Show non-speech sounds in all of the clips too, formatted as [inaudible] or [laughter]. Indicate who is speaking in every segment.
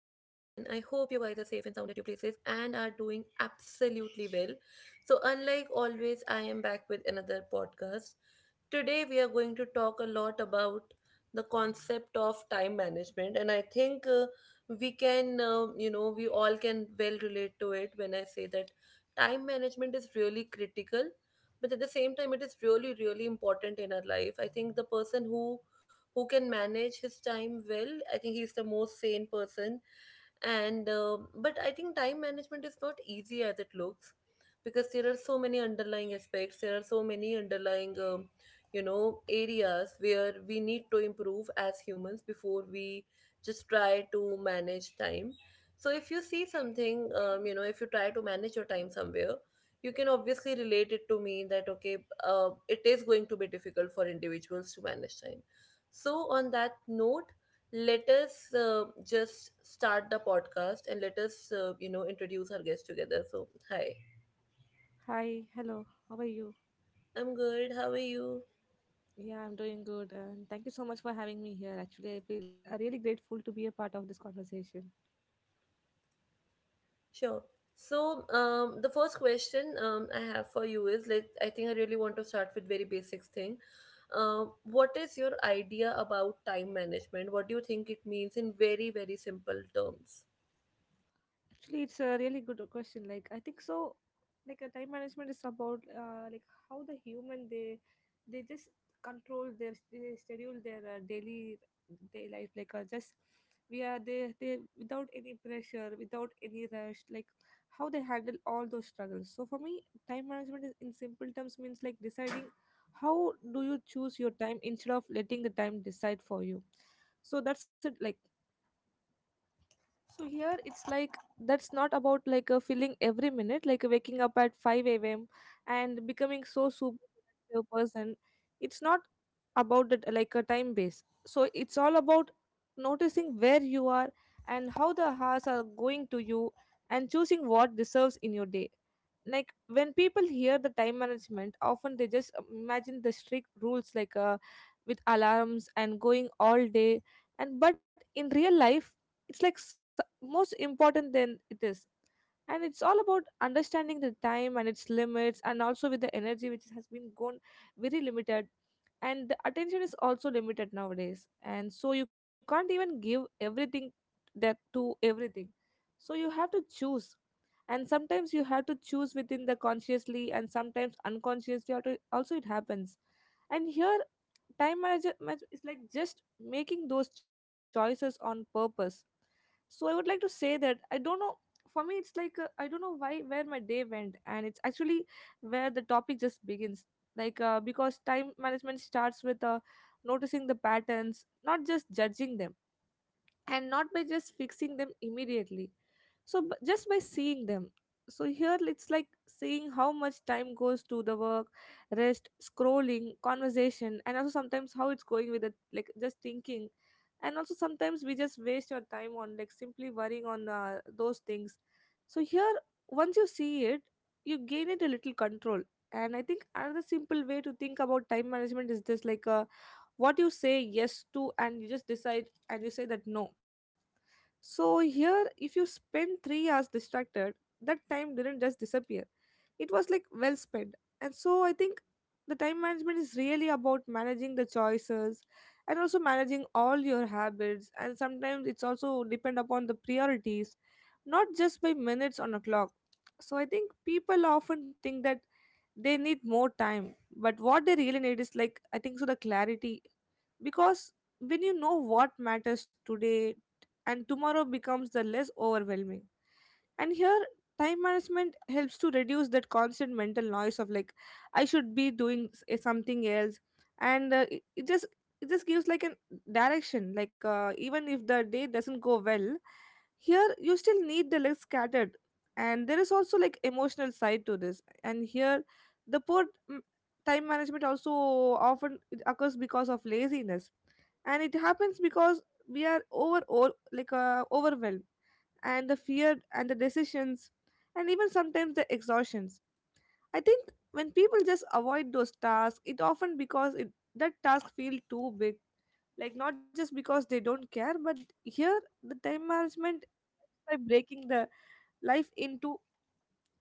Speaker 1: hope you guys are safe and sound at your places and are doing absolutely well. So, unlike always, I am back with another podcast. Today, we are going to talk a lot about the concept of time management, and I think we can, we all can well relate to it when I say that time management is really critical, but at the same time, it is really, really important in our life. I think the person who can manage his time well. I think he is the most sane person, and but I think time management is not easy as it looks, because there are so many underlying aspects, there are so many underlying areas where we need to improve as humans before we just try to manage time. So if you see something, if you try to manage your time somewhere, you can obviously relate it to me that okay, it is going to be difficult for individuals to manage time. So on that note, let us just start the podcast, and let us introduce our guests together. So hi,
Speaker 2: Hi, hello. How are you?
Speaker 1: I'm good, how are you?
Speaker 2: Yeah, I'm doing good, and thank you so much for having me here. Actually, I feel really grateful to be a part of this conversation.
Speaker 1: Sure. So the first question I have for you is, like, I think I really want to start with very basics thing. What is your idea about time management? What do you think it means in very, very simple terms?
Speaker 2: Actually, it's a really good question. Like, I think so. Like, a time management is about like how the human they just control their they schedule their daily day life. Like, just we are they without any pressure, without any rush. Like, how they handle all those struggles. So for me, time management is in simple terms means like deciding how do you choose your time instead of letting the time decide for you, so that's it. Like, so here it's like that's not about like a feeling every minute, like waking up at 5 a.m. and becoming so super productive person. It's not about that like a time base. So it's all about noticing where you are and how the hours are going to you and choosing what deserves in your day. Like when people hear the time management, often they just imagine the strict rules like with alarms and going all day. And but in real life, it's like most important than it is, and it's all about understanding the time and its limits and also with the energy which has been gone very limited, and the attention is also limited nowadays, and so you can't even give everything that to everything, so you have to choose, and sometimes you have to choose within the consciously and sometimes also it happens. And here time manage, is like just making those choices on purpose. So I would like to say that I don't know, for me it's like I don't know why where my day went, and it's actually where the topic just begins. Because time management starts with noticing the patterns, not just judging them and not by just fixing them immediately. So just by seeing them. So here it's like seeing how much time goes to the work, rest, scrolling, conversation, and also sometimes how it's going with it, like just thinking. And also sometimes we just waste your time on like simply worrying on those things. So here, once you see it, you gain it a little control. And I think another simple way to think about time management is this, like what you say yes to, and you just decide and you say that no. So here, if you spend 3 hours distracted, that time didn't just disappear. It was like well spent. And so I think the time management is really about managing the choices and also managing all your habits. And sometimes it's also depend upon the priorities, not just by minutes on a clock. So I think people often think that they need more time, but what they really need is, like I think so, the clarity. Because when you know what matters today, and tomorrow becomes the less overwhelming. And here time management helps to reduce that constant mental noise of like I should be doing something else. And it just it just gives like an direction, like even if the day doesn't go well, here you still need the legs scattered. And there is also like emotional side to this. And here the poor mm, time management also often it occurs because of laziness. And it happens because we are overwhelmed, and the fear and the decisions and even sometimes the exhaustions. I think when people just avoid those tasks, it often because that task feel too big, like not just because they don't care. But here the time management by breaking the life into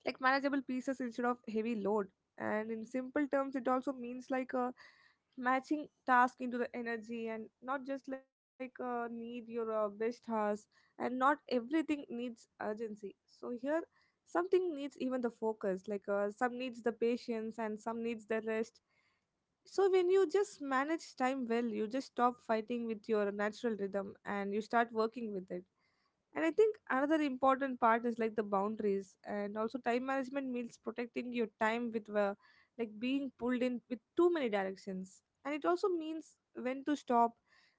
Speaker 2: like manageable pieces instead of heavy load. And in simple terms it also means like a matching task into the energy, and not just need your best hours. And not everything needs urgency. So here something needs even the focus, like some needs the patience and some needs the rest. So when you just manage time well, you just stop fighting with your natural rhythm and you start working with it. And I think another important part is like the boundaries. And also time management means protecting your time with like being pulled in with too many directions. And it also means when to stop,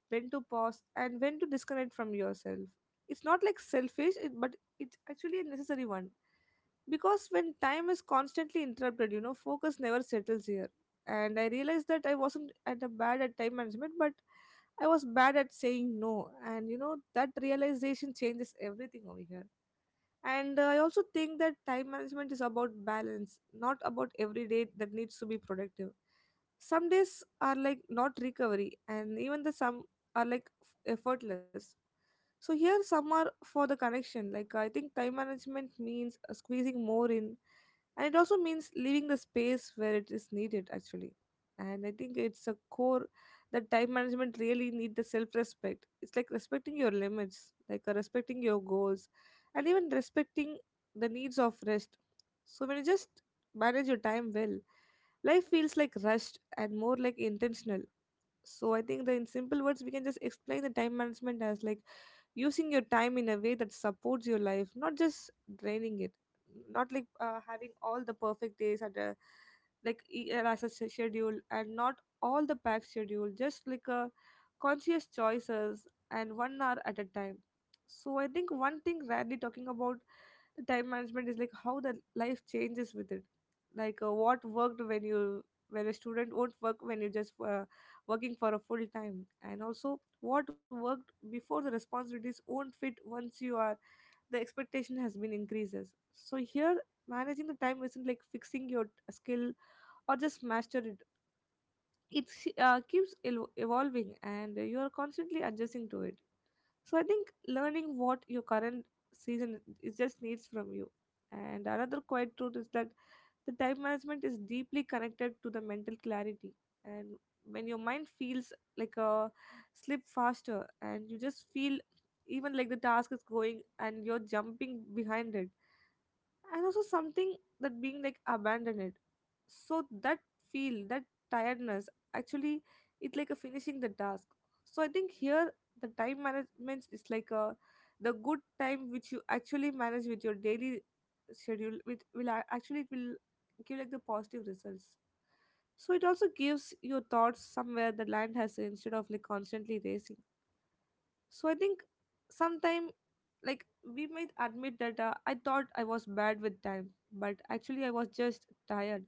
Speaker 2: when to pause, and when to disconnect from yourself. It's not like selfish, but it's actually a necessary one, because when time is constantly interrupted, you know, focus never settles here. And I realized that I wasn't at a bad at time management, but I was bad at saying no. And you know that realization changes everything over here. And I also think that time management is about balance, not about every day that needs to be productive. Some days are like not recovery, and even the some are like effortless. So here some are for the connection. Like I think time management means squeezing more in, and it also means leaving the space where it is needed actually. And I think it's a core that time management really need the self respect. It's like respecting your limits, like respecting your goals and even respecting the needs of rest. So when you just manage your time well, life feels like rushed and more like intentional. So I think that in simple words, we can just explain the time management as like using your time in a way that supports your life, not just draining it, not like having all the perfect days at a like as a schedule, and not all the packed schedule, just like a conscious choices and one hour at a time. So I think one thing rarely talking about the time management is like how the life changes with it, like what worked when you where a student won't work when you're just working for a full time. And also what worked before the responsibilities won't fit once you are the expectation has been increases. So here managing the time isn't like fixing your skill or just master it. It keeps evolving and you are constantly adjusting to it. So I think learning what your current season is just needs from you. And another quiet truth is that the time management is deeply connected to the mental clarity. And when your mind feels like a slip faster, and you just feel even like the task is going and you're jumping behind it, and also something that being like abandoned, so that feel that tiredness actually it's like a finishing the task. So I think here the time management is like a the good time which you actually manage with your daily schedule which will actually it will give like the positive results. So it also gives your thoughts somewhere the land has instead of like constantly racing. So I think sometime like we might admit that I thought I was bad with time, but actually I was just tired.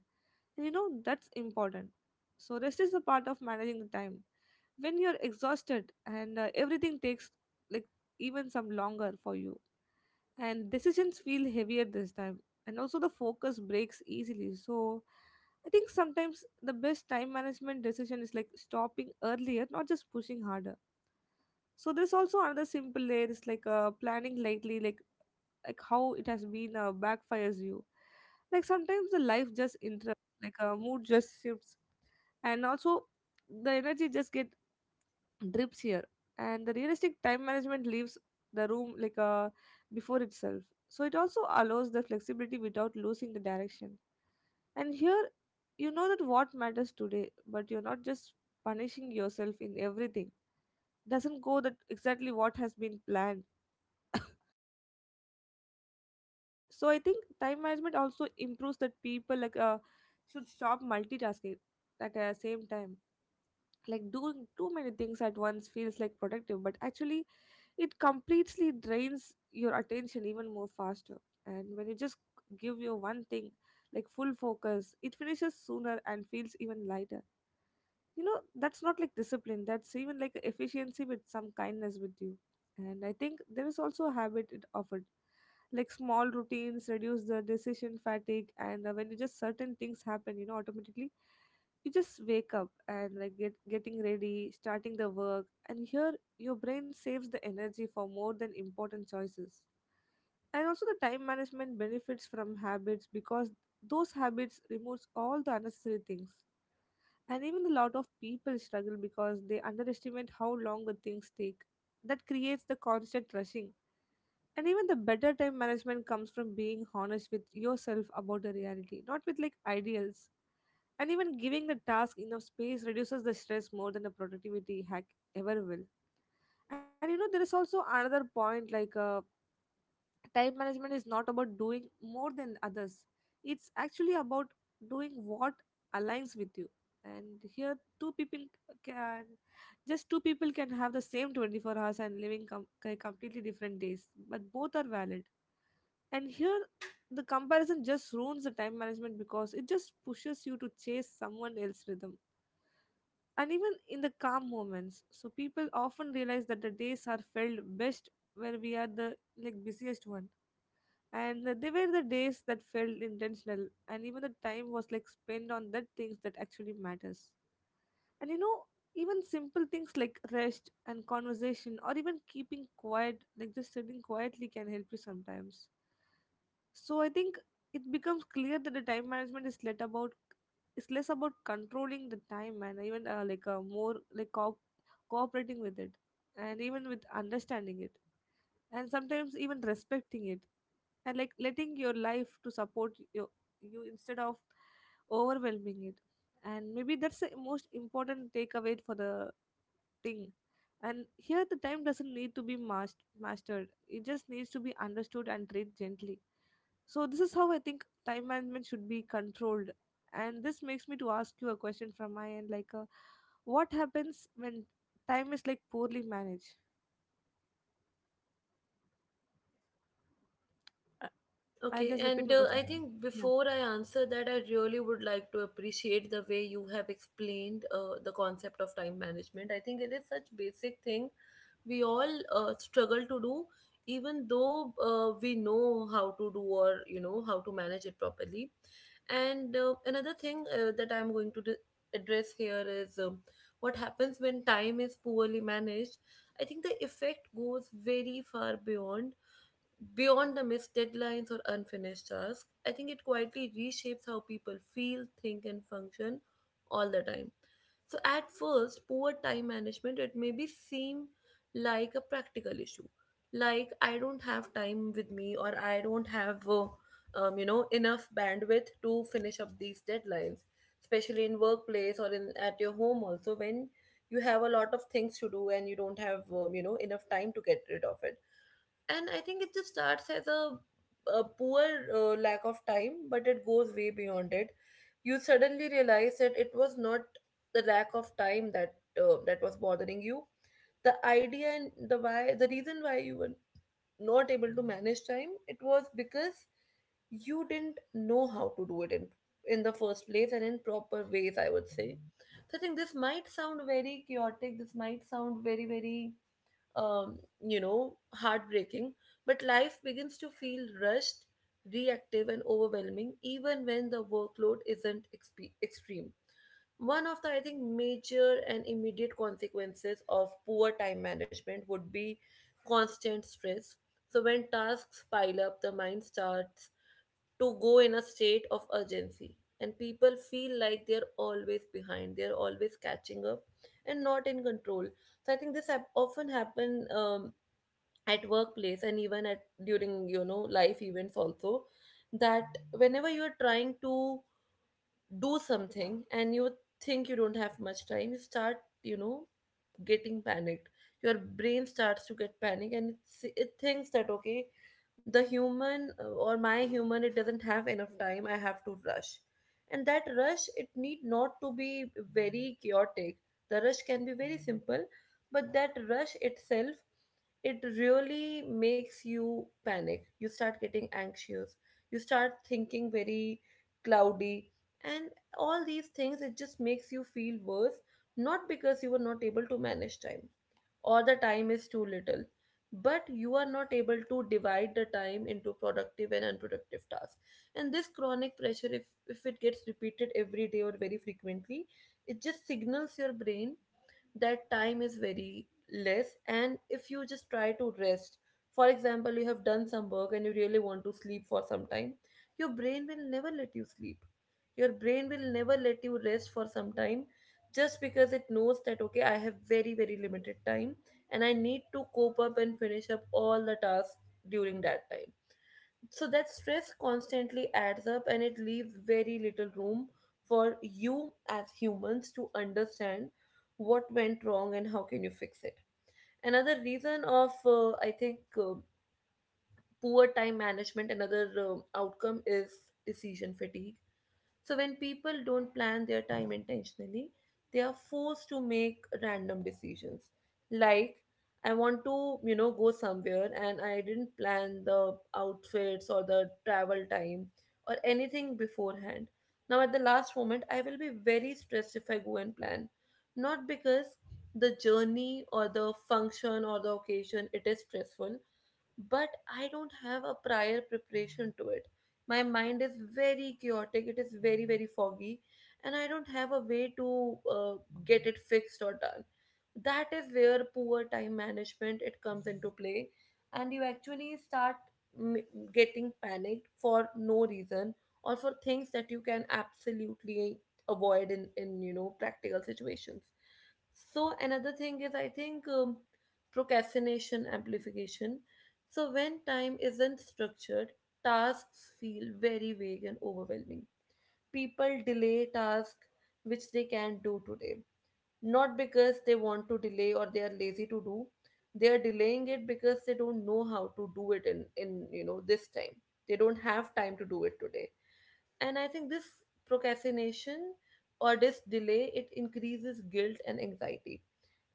Speaker 2: And you know that's important. So rest is a part of managing the time. When you're exhausted and everything takes like even some longer for you, and decisions feel heavier this time, and also the focus breaks easily. So I think sometimes the best time management decision is like stopping earlier, not just pushing harder. So there's also another simple layer is like planning lately, like how it has been backfires you. Like sometimes the life just interrupts, like a mood just shifts, and also the energy just get drips here, and the realistic time management leaves the room before itself. So it also allows the flexibility without losing the direction. And here, you know that what matters today, but you're not just punishing yourself in everything. Doesn't go that exactly what has been planned. So I think time management also improves that people should stop multitasking at the same time. Like doing too many things at once feels like productive, but actually it completely drains your attention even more faster. And when you just give your one thing like full focus, it finishes sooner and feels even lighter. You know that's not like discipline, that's even like efficiency with some kindness with you. And I think there is also a habit it offered, like small routines reduce the decision fatigue. And when you just certain things happen, you know, automatically you just wake up and like getting ready, starting the work, and here your brain saves the energy for more than important choices. And also the time management benefits from habits because those habits removes all the unnecessary things. And even a lot of people struggle because they underestimate how long the things take. That creates the constant rushing. And even the better time management comes from being honest with yourself about the reality, not with like ideals. And even giving the task enough space reduces the stress more than a productivity hack ever will. And you know, there is also another point, like time management is not about doing more than others. It's actually about doing what aligns with you. And here, can two people can have the same 24 hours and living completely different days, but both are valid. And here, the comparison just ruins the time management because it just pushes you to chase someone else's rhythm. And even in the calm moments, so people often realize that the days are felt best where we are the like busiest one. And they were the days that felt intentional, and even the time was like spent on the things that actually matters. And you know, even simple things like rest and conversation, or even keeping quiet, like just sitting quietly, can help you sometimes. So I think it becomes clear that the time management is let about, it's less about controlling the time, and even more like cooperating with it, and even with understanding it, and sometimes even respecting it, and like letting your life to support your, you instead of overwhelming it. And maybe that's the most important takeaway for the thing. And here the time doesn't need to be mastered, it just needs to be understood and treated gently. So this is how I think time management should be controlled. And this makes me to ask you a question from my end, like what happens when time is like poorly managed. I- I'll
Speaker 1: Okay,
Speaker 2: just repeat
Speaker 1: and
Speaker 2: my question
Speaker 1: I
Speaker 2: again.
Speaker 1: think
Speaker 2: Yeah.
Speaker 1: before I answer that, I really would like to appreciate the way you have explained the concept of time management. I think it is such basic thing we all struggle to do, even though we know how to do, or you know how to manage it properly. And another thing that I'm going to address here is what happens when time is poorly managed. I think the effect goes very far beyond beyond the missed deadlines or unfinished tasks. I think it quietly reshapes how people feel, think, and function all the time. So at first, poor time management it maybe seem like a practical issue, like I don't have time with me, or I don't have enough bandwidth to finish up these deadlines, especially in workplace or in at your home also, when you have a lot of things to do and you don't have enough time to get rid of it. And I think it just starts as a poor lack of time, but it goes way beyond it. You suddenly realize that it was not the lack of time that that was bothering you. The idea and the why, the reason why you were not able to manage time, it was because you didn't know how to do it in the first place, and in proper ways, I would say. So I think this might sound very chaotic, this might sound very, very, heartbreaking. But life begins to feel rushed, reactive, and overwhelming, even when the workload isn't extreme. One of the, I think, major and immediate consequences of poor time management would be constant stress. So, when tasks pile up, the mind starts to go in a state of urgency, and people feel like they're always behind, they're always catching up and not in control. So I think this often happen, at workplace and even at during you know life events also, that whenever you're trying to do something and you think you don't have much time, you start, you know, getting panicked. Your brain starts to get panic, and it thinks that okay, the human or my human, it doesn't have enough time, I have to rush. And that rush, it need not to be very chaotic. The rush can be very simple, but that rush itself, it really makes you panic. You start getting anxious, you start thinking very cloudy, and all these things, it just makes you feel worse, not because you were not able to manage time or the time is too little, but you are not able to divide the time into productive and unproductive tasks. And this chronic pressure, if it gets repeated every day or very frequently, it just signals your brain that time is very less. And if you just try to rest, for example, you have done some work and you really want to sleep for some time, your brain will never let you sleep, your brain will never let you rest for some time, just because it knows that okay, I have very, very limited time and I need to cope up and finish up all the tasks during that time. So that stress constantly adds up, and it leaves very little room for you as humans to understand what went wrong and how can you fix it. Another reason of I think poor time management, another outcome is decision fatigue. So when people don't plan their time intentionally, they are forced to make random decisions, like I want to, you know, go somewhere and I didn't plan the outfits or the travel time or anything beforehand. Now at the last moment, I will be very stressed if I go and plan, not because the journey or the function or the occasion, it is stressful, but I don't have a prior preparation to it. My mind is very chaotic, it is very, very foggy, and I don't have a way to get it fixed or done. That is where poor time management, it comes into play, and you actually start m- getting panicked for no reason, or for things that you can absolutely avoid in, you know, practical situations. So another thing is, I think, procrastination amplification. So, when time isn't structured, tasks feel very vague and overwhelming. People delay tasks which they can do today, not because they want to delay or they are lazy to do. They are delaying it because they don't know how to do it in, you know, this time. They don't have time to do it today. And I think this procrastination or this delay, it increases guilt and anxiety.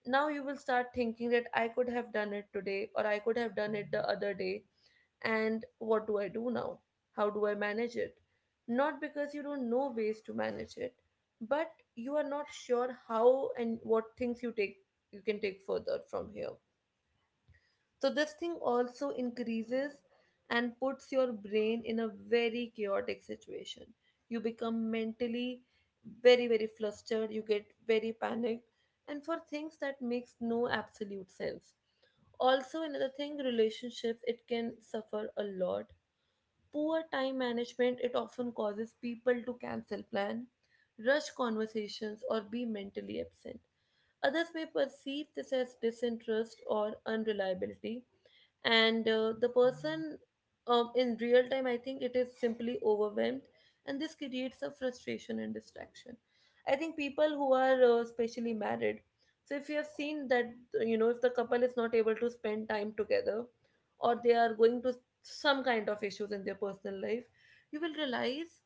Speaker 1: Now you will start thinking that I could have done it today, or I could have done it the other day. And what do I do now? How do I manage it? Not because you don't know ways to manage it, but you are not sure how and what things you can take further from here. So this thing also increases and puts your brain in a very chaotic situation. You become mentally very, very flustered, you get very panicked, and for things that makes no absolute sense. Also another thing, relationships, it can suffer a lot. Poor time management, it often causes people to cancel plan, rush conversations, or be mentally absent. Others may perceive this as disinterest or unreliability, and the person, in real time, I think it is simply overwhelmed, and this creates a frustration and distraction. I think people who are especially married, so if you have seen that, if the couple is not able to spend time together, or they are going to some kind of issues in their personal life, you will realize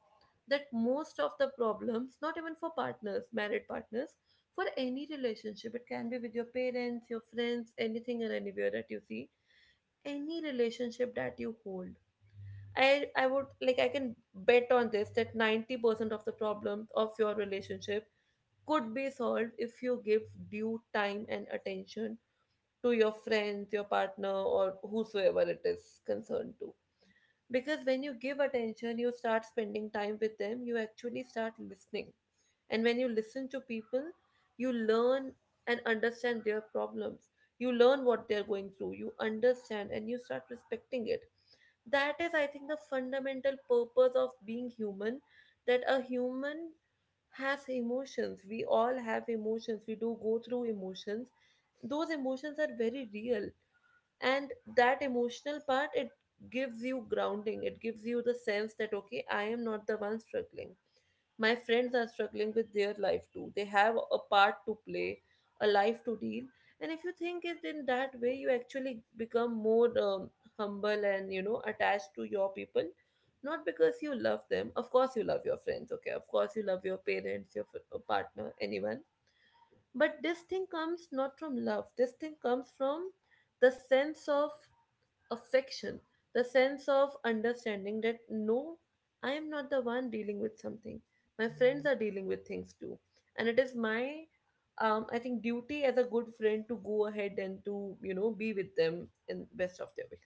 Speaker 1: that most of the problems, not even for partners, married partners, for any relationship, it can be with your parents, your friends, anything and anywhere that you see, any relationship that you hold, I would like, I can bet on this, that 90% of the problems of your relationship could be solved if you give due time and attention to your friends, your partner, or whosoever it is concerned to. Because when you give attention, you start spending time with them, you actually start listening. And when you listen to people, you learn and understand their problems, you learn what they're going through, you understand and you start respecting it. That is, I think, the fundamental purpose of being human, that a human has emotions, we all have emotions, we do go through emotions, those emotions are very real. And that emotional part, it gives you grounding, it gives you the sense that okay, I am not the one struggling, my friends are struggling with their life too, they have a part to play, a life to deal. And if you think it in that way, you actually become more humble, and you know, attached to your people. Not because you love them, of course you love your friends, okay, of course you love your parents, your partner, anyone. But this thing comes not from love, this thing comes from the sense of affection, the sense of understanding that no, I am not the one dealing with something. My friends are dealing with things too. And it is my, I think, duty as a good friend to go ahead and to, you know, be with them in best of their ways.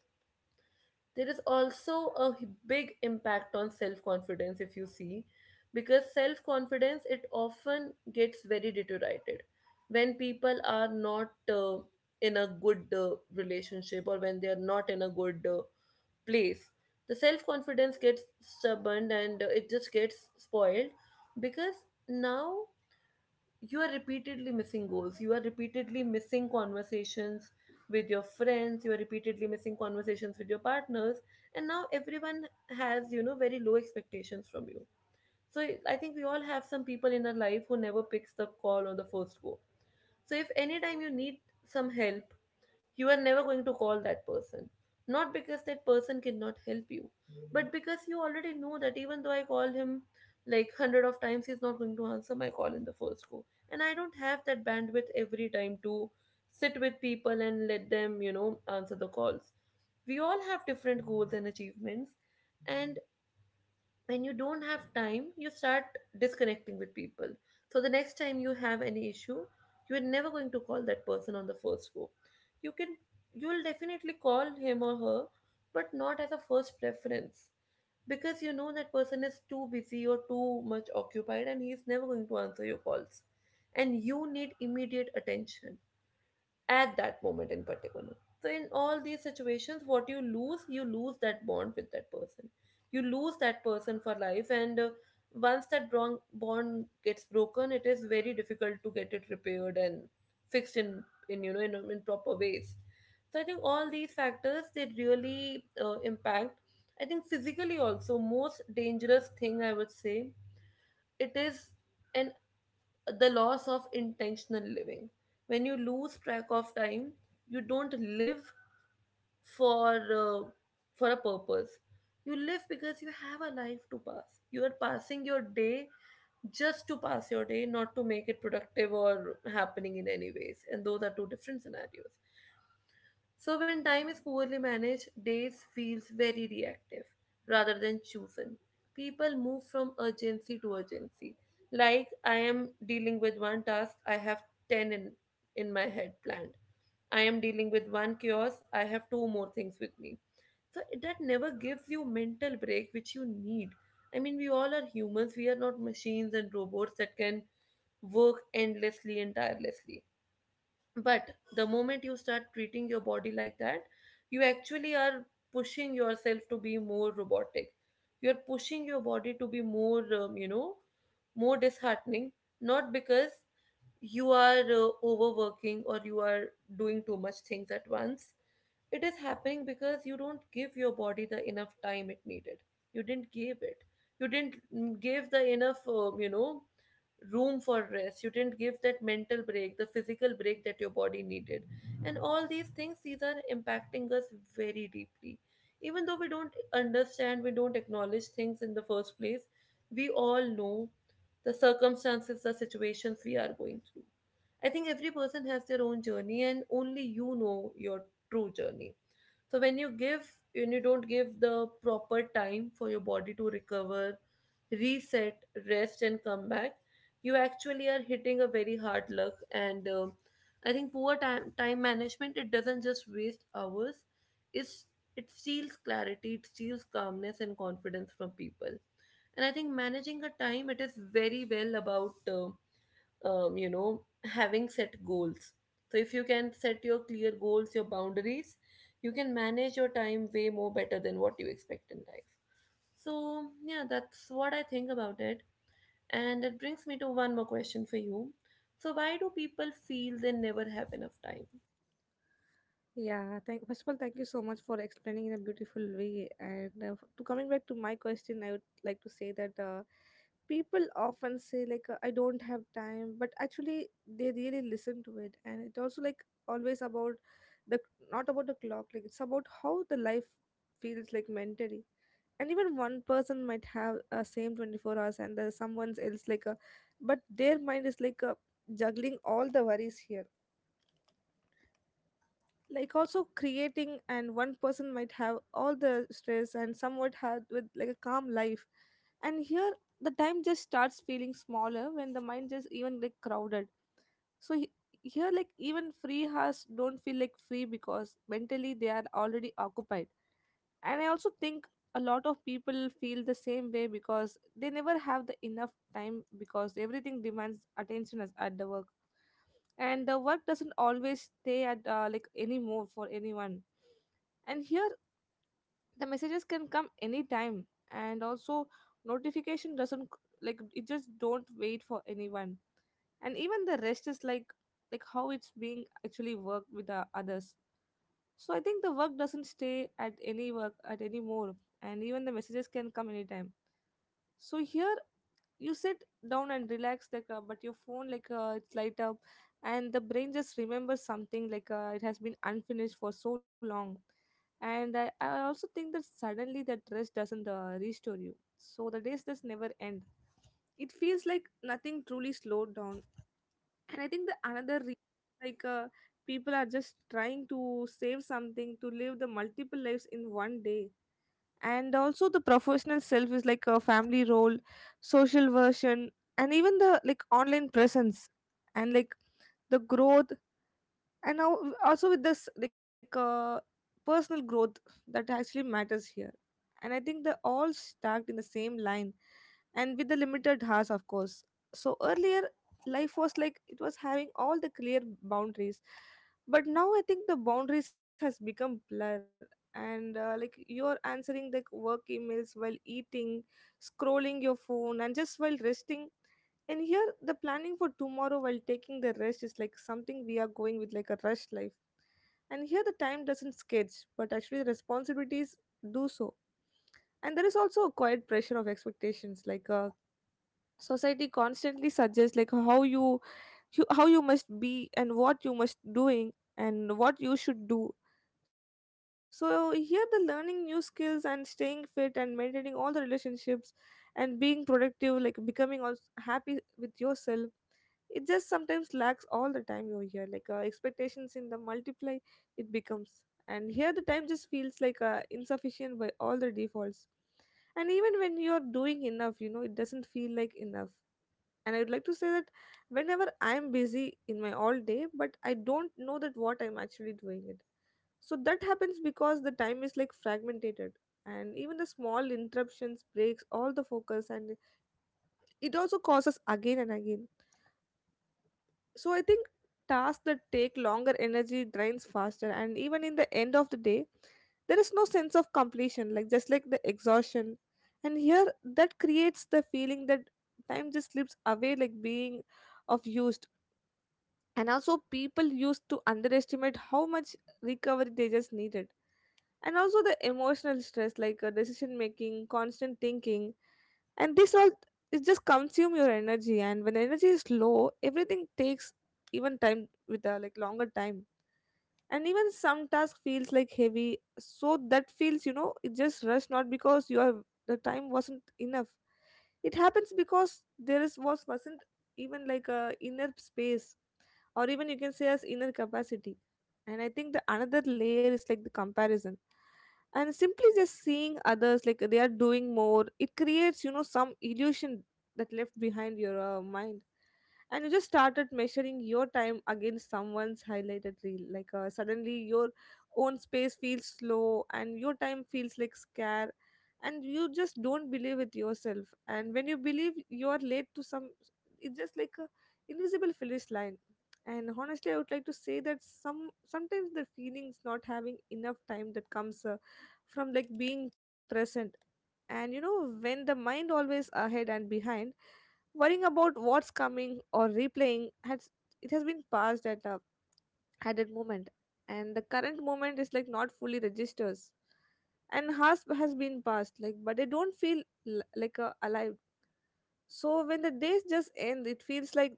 Speaker 1: There is also a big impact on self confidence if you see, because self confidence it often gets very deteriorated when people are not in a good relationship or when they are not in a good place. The self confidence gets stubborn and it just gets spoiled because now you are repeatedly missing goals, you are repeatedly missing conversations with your friends, you are repeatedly missing conversations with your partners, and now everyone has, you know, very low expectations from you. So I think we all have some people in our life who never picks the call on the first go. So if any time you need some help, you are never going to call that person. Not because that person cannot help you, but because you already know that even though I call him like hundred of times, he's not going to answer my call in the first go. And I don't have that bandwidth every time to sit with people and let them, you know, answer the calls. We all have different goals and achievements, and when you don't have time you start disconnecting with people. So the next time you have any issue, you are never going to call that person on the first go. You can, you will definitely call him or her, but not as a first preference, because you know that person is too busy or too much occupied and he is never going to answer your calls and you need immediate attention at that moment in particular. So, in all these situations, what you lose that bond with that person. You lose that person for life, and once that bond gets broken, it is very difficult to get it repaired and fixed in in proper ways. So I think all these factors they really impact. I think physically also, most dangerous thing I would say, it is an the loss of intentional living. When you lose track of time, you don't live for uh, for a purpose. You live because you have a life to pass. You are passing your day just to pass your day, not to make it productive or happening in any ways. And those are two different scenarios. So when time is poorly managed, days feels very reactive rather than chosen. People move from urgency to urgency. Like I am dealing with one task, I have 10 in my head planned. I am dealing with one chaos, I have two more things with me. That never gives you mental break which you need. I mean, we all are humans, we are not machines and robots that can work endlessly and tirelessly. But the moment you start treating your body like that, you actually are pushing yourself to be more robotic. You're pushing your body to be more, you know, more disheartening, not because you are overworking or you are doing too much things at once. It is happening because you don't give your body the enough time it needed. You didn't give it, you didn't give the enough, you know, room for rest. You didn't give that mental break, the physical break that your body needed, and all these things, these are impacting us very deeply. Even though we don't understand, we don't acknowledge things in the first place, we all know the circumstances, the situations we are going through. I think every person has their own journey, and only you know your true journey. so when you give when you don't give the proper time for your body to recover, reset, rest and come back, you actually are hitting a very hard luck. And I think poor time management, it doesn't just waste hours, it's, it steals clarity, it steals calmness and confidence from people. And I think managing a time, it is very well about, you know, having set goals. So if you can set your clear goals, your boundaries, you can manage your time way more better than what you expect in life. So yeah, that's what I think about it, and it brings me to one more question for you. So why do people feel they never have enough time?
Speaker 2: Yeah, thank first of all, thank you so much for explaining in a beautiful way. And to coming back to my question, I would like to say that people often say like I don't have time, but actually they really listen to it, and it also like always about the not about the clock, like it's about how the life feels like mentally. And even one person might have a same 24 hours, and there's someone else like a, but their mind is like a juggling all the worries here, like also creating. And one person might have all the stress and somewhat have with like a calm life. And here the time just starts feeling smaller when the mind just even like crowded. So here, like, even free has don't feel like free because mentally they are already occupied. And I also think a lot of people feel the same way because they never have the enough time because everything demands attention as at the work. And the work doesn't always stay at like anymore for anyone. And here the messages can come anytime. And also notification doesn't like it just don't wait for anyone. And even the rest is like how it's being actually worked with the others. So I think the work doesn't stay at any work at any more. And even the messages can come anytime. So here you sit down and relax, like but your phone, like it's light up, and the brain just remembers something like it has been unfinished for so long. And I also think that suddenly that rest doesn't restore you. So the days just never end, it feels like nothing truly slowed down. And I think the another re- like people are just trying to save something to live the multiple lives in one day. And also the professional self is like a family role, social version, and even the like online presence, and like the growth. And now also with this like personal growth that actually matters here. And I think they're all stacked in the same line, and with the limited hours, of course. So earlier, life was like it was having all the clear boundaries. But now I think the boundaries has become blur. And like you're answering the work emails while eating, scrolling your phone, and just while resting. And here the planning for tomorrow while taking the rest is like something we are going with, like a rush life. And here the time doesn't sketch, but actually the responsibilities do so. And there is also a quiet pressure of expectations, like society constantly suggests like how you, you how you must be and what you must doing and what you should do. So here the learning new skills and staying fit and maintaining all the relationships, and being productive, like becoming also happy with yourself, it just sometimes lacks all the time over here, like expectations in the multiply, it becomes. And here the time just feels like insufficient by all the defaults. And even when you're doing enough, you know it doesn't feel like enough. And I would like to say that whenever I'm busy in my all day, but I don't know that what I'm actually doing it. So that happens because the time is like fragmented, and even the small interruptions breaks all the focus, and it also causes again and again. So I think tasks that take longer, energy drains faster, and even in the end of the day there is no sense of completion, like just like the exhaustion. And here that creates the feeling that time just slips away like being of used. And also people used to underestimate how much recovery they just needed. And also the emotional stress, like decision making, constant thinking, and this all, it just consume your energy. And when energy is low, everything takes even time with a like longer time. And even some task feels like heavy, so that feels, you know, it just rush, not because your the time wasn't enough. It happens because there is was wasn't even like a inner space, or even you can say as inner capacity. And I think the another layer is like the comparison, and simply just seeing others like they are doing more, it creates, you know, some illusion that left behind your mind. And you just started measuring your time against someone's highlighted reel, like suddenly your own space feels slow and your time feels like scare. And you just don't believe with yourself, and when you believe you are late to some, it's just like a invisible finish line. And honestly, I would like to say that sometimes the feelings not having enough time that comes from like being present. And you know, when the mind always ahead and behind, worrying about what's coming, or replaying has it has been passed at that moment, and the current moment is like not fully registers and has been passed, like but they don't feel like alive. So when the days just end, it feels like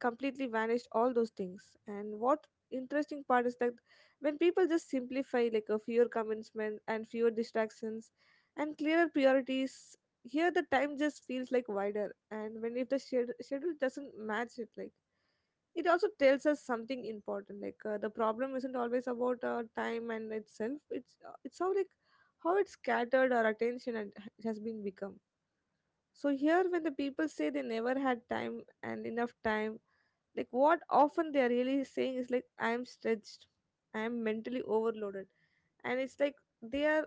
Speaker 2: completely vanished all those things. And what interesting part is that when people just simplify, like a fewer commencement and fewer distractions and clearer priorities, here the time just feels like wider. And when if the schedule doesn't match it, like it also tells us something important, like the problem isn't always about time and itself, it's how like how it's scattered our attention and has been become. So here when the people say they never had time and enough time, like what often they are really saying is like, I am stretched, I am mentally overloaded. And it's like they are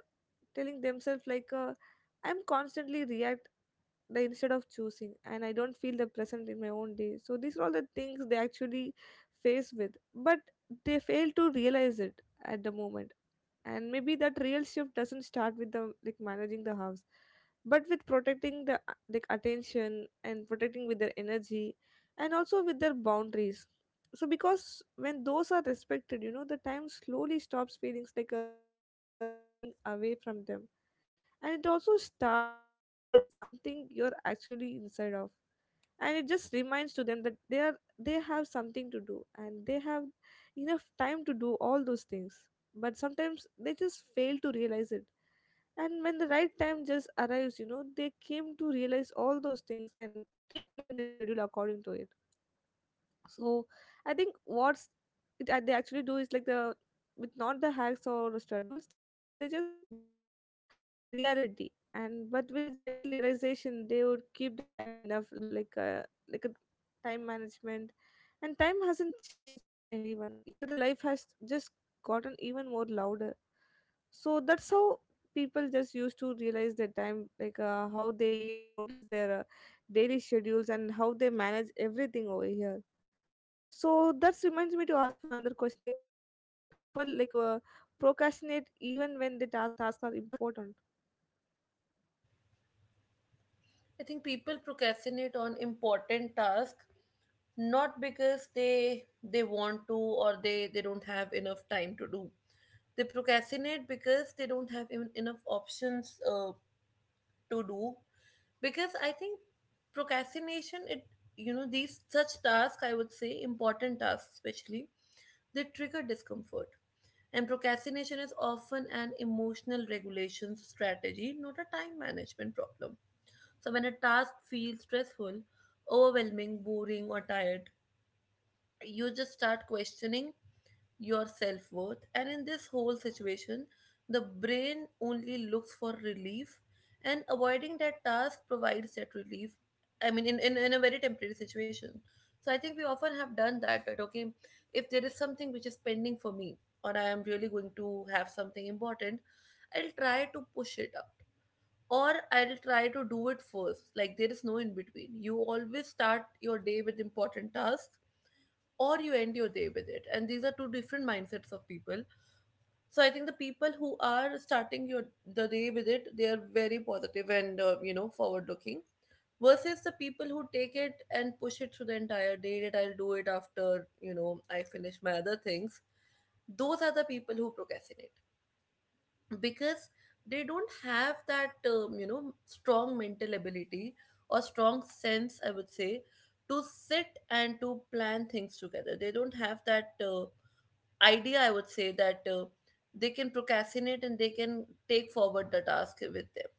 Speaker 2: telling themselves like I'm constantly react the instead of choosing, and I don't feel the present in my own day. So these are all the things they actually face with, but they fail to realize it at the moment. And maybe that real shift doesn't start with the like managing the house, but with protecting the like attention, and protecting with their energy, and also with their boundaries. So because when those are respected, you know the time slowly stops feelings like a running away from them, and it also starts feeling like something you're actually inside of. And it just reminds to them that they have something to do, and they have enough time to do all those things, but sometimes they just fail to realize it. And when the right time just arrives, you know they came to realize all those things, and they plan their schedule according to it. So I think what's it, they actually do is like the with not the hacks or schedules, they just blur their reality, and but with a general realization they would keep the time enough, like a time management. And time hasn't changed for anyone. Here the life has just gotten even More louder, so that's how people just used to realize their time, like how they even notice their daily schedules and how they manage everything over here. So that reminds me to ask you another question, like why do people procrastinate even when the task are important?
Speaker 1: I think people procrastinate on important tasks not because they want to or they don't have enough time to do. They procrastinate because they don't have even enough options to do, because I think procrastination it, you know, these such tasks, I would say important tasks especially, they trigger discomfort. And procrastination is often an emotional regulation strategy, not a time management problem. So when a task feels stressful, overwhelming, boring or tired, you just start questioning your self worth. And in this whole situation, the brain only looks for relief, and avoiding that task provides that relief. I mean, in a very temporary situation. So I think we often have done that, that okay, if there is something which is pending for me, or I am really going to have something important, I'll try to push it up. Or I'll try to do it first. Like there is no in between. You always start your day with important tasks or you end your day with it, and these are two different mindsets of people. So I think the people who are starting your the day with it, they are very positive and, you know, forward looking, versus the people who take it and push it through the entire day, that I'll do it after, you know, I finish my other things. Those are the people who procrastinate because they don't have that, you know, strong mental ability or strong sense, I would say, to sit and to plan things together. They don't have that idea, I would say, that they can procrastinate and they can take forward the task with them.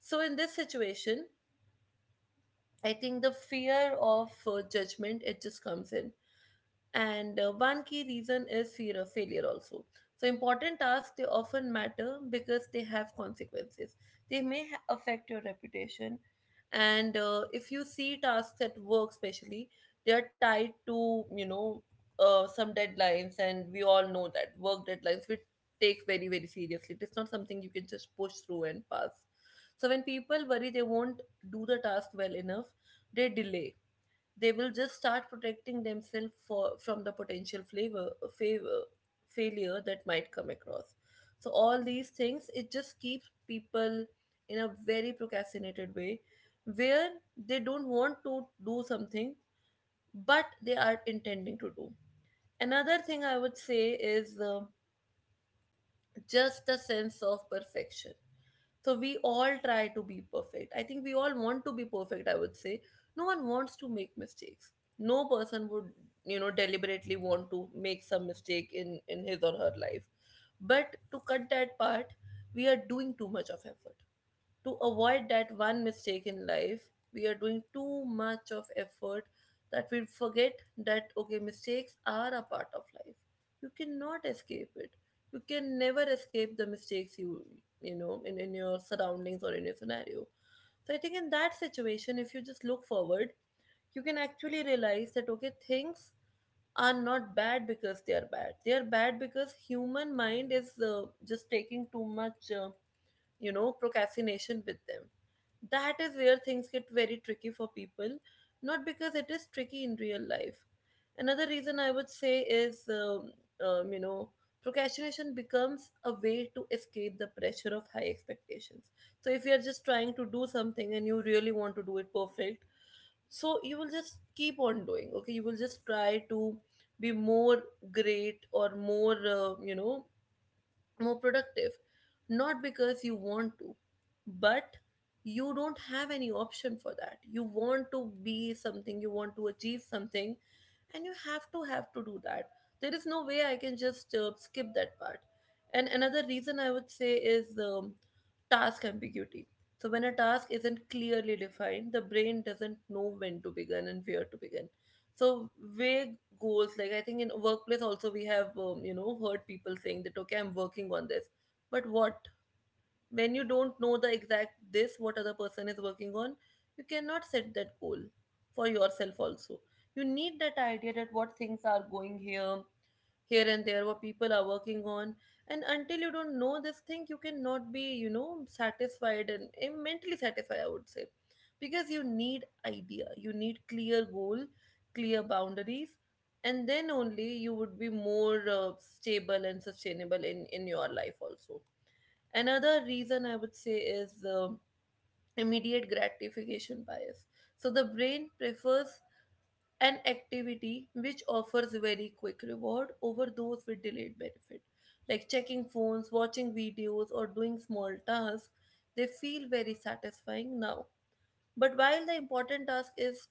Speaker 1: So in this situation, I think the fear of judgment, it just comes in. And one key reason is fear of failure also. So important tasks, they often matter because they have consequences. They may affect your reputation. And if you see tasks at work especially, they are tied to, you know, some deadlines, and we all know that work deadlines we take very very seriously. It's not something you can just push through and pass. So when people worry they won't do the task well enough, they delay. They will just start protecting themselves for from the potential flavor favor failure that might come across. So all these things, it just keeps people in a very procrastinated way where they don't want to do something but they are intending to do. Another thing I would say is, just a sense of perfection. So we all try to be perfect. I think we all want to be perfect, I would say. No one wants to make mistakes. No person would, you know, deliberately want to make some mistake in his or her life. But to cut that part, we are doing too much of effort to avoid that one mistake in life, we are doing too much of effort, that we forget that okay mistakes are a part of life. You cannot escape it. You can never escape the mistakes you, you know, in your surroundings or in your scenario. So I think in that situation, if you just look forward, you can actually realize that okay things are not bad because they are bad, they are bad because human mind is, just taking too much, you know, procrastination with them. That is where things get very tricky for people, not because it is tricky in real life. Another reason I would say is, you know, procrastination becomes a way to escape the pressure of high expectations. So if you're just trying to do something and you really want to do it perfect, so you will just keep on doing, okay? You will just try to be more great or more, more productive, not because you want to, but you don't have any option. For that, you want to be something, you want to achieve something, and you have to do that. There is no way I can just skip that part. And another reason I would say is task ambiguity. So when a task isn't clearly defined, the brain doesn't know when to begin and where to begin. So vague goals, like I think in workplace also, we have heard people saying that, okay, I'm working on this, but what, when you don't know the exact this, what other person is working on, you cannot set that goal for yourself also. You need that idea that what things are going here, here and there, what people are working on. And until you don't know this thing, you cannot be, satisfied and mentally satisfied, I would say. Because you need idea, you need clear goal, clear boundaries, and then only you would be more stable and sustainable in your life also. Another reason I would say is immediate gratification bias. So the brain prefers an activity which offers very quick reward over those with delayed benefit. Like checking phones, watching videos, or doing small tasks, they feel very satisfying now. But while the important task is,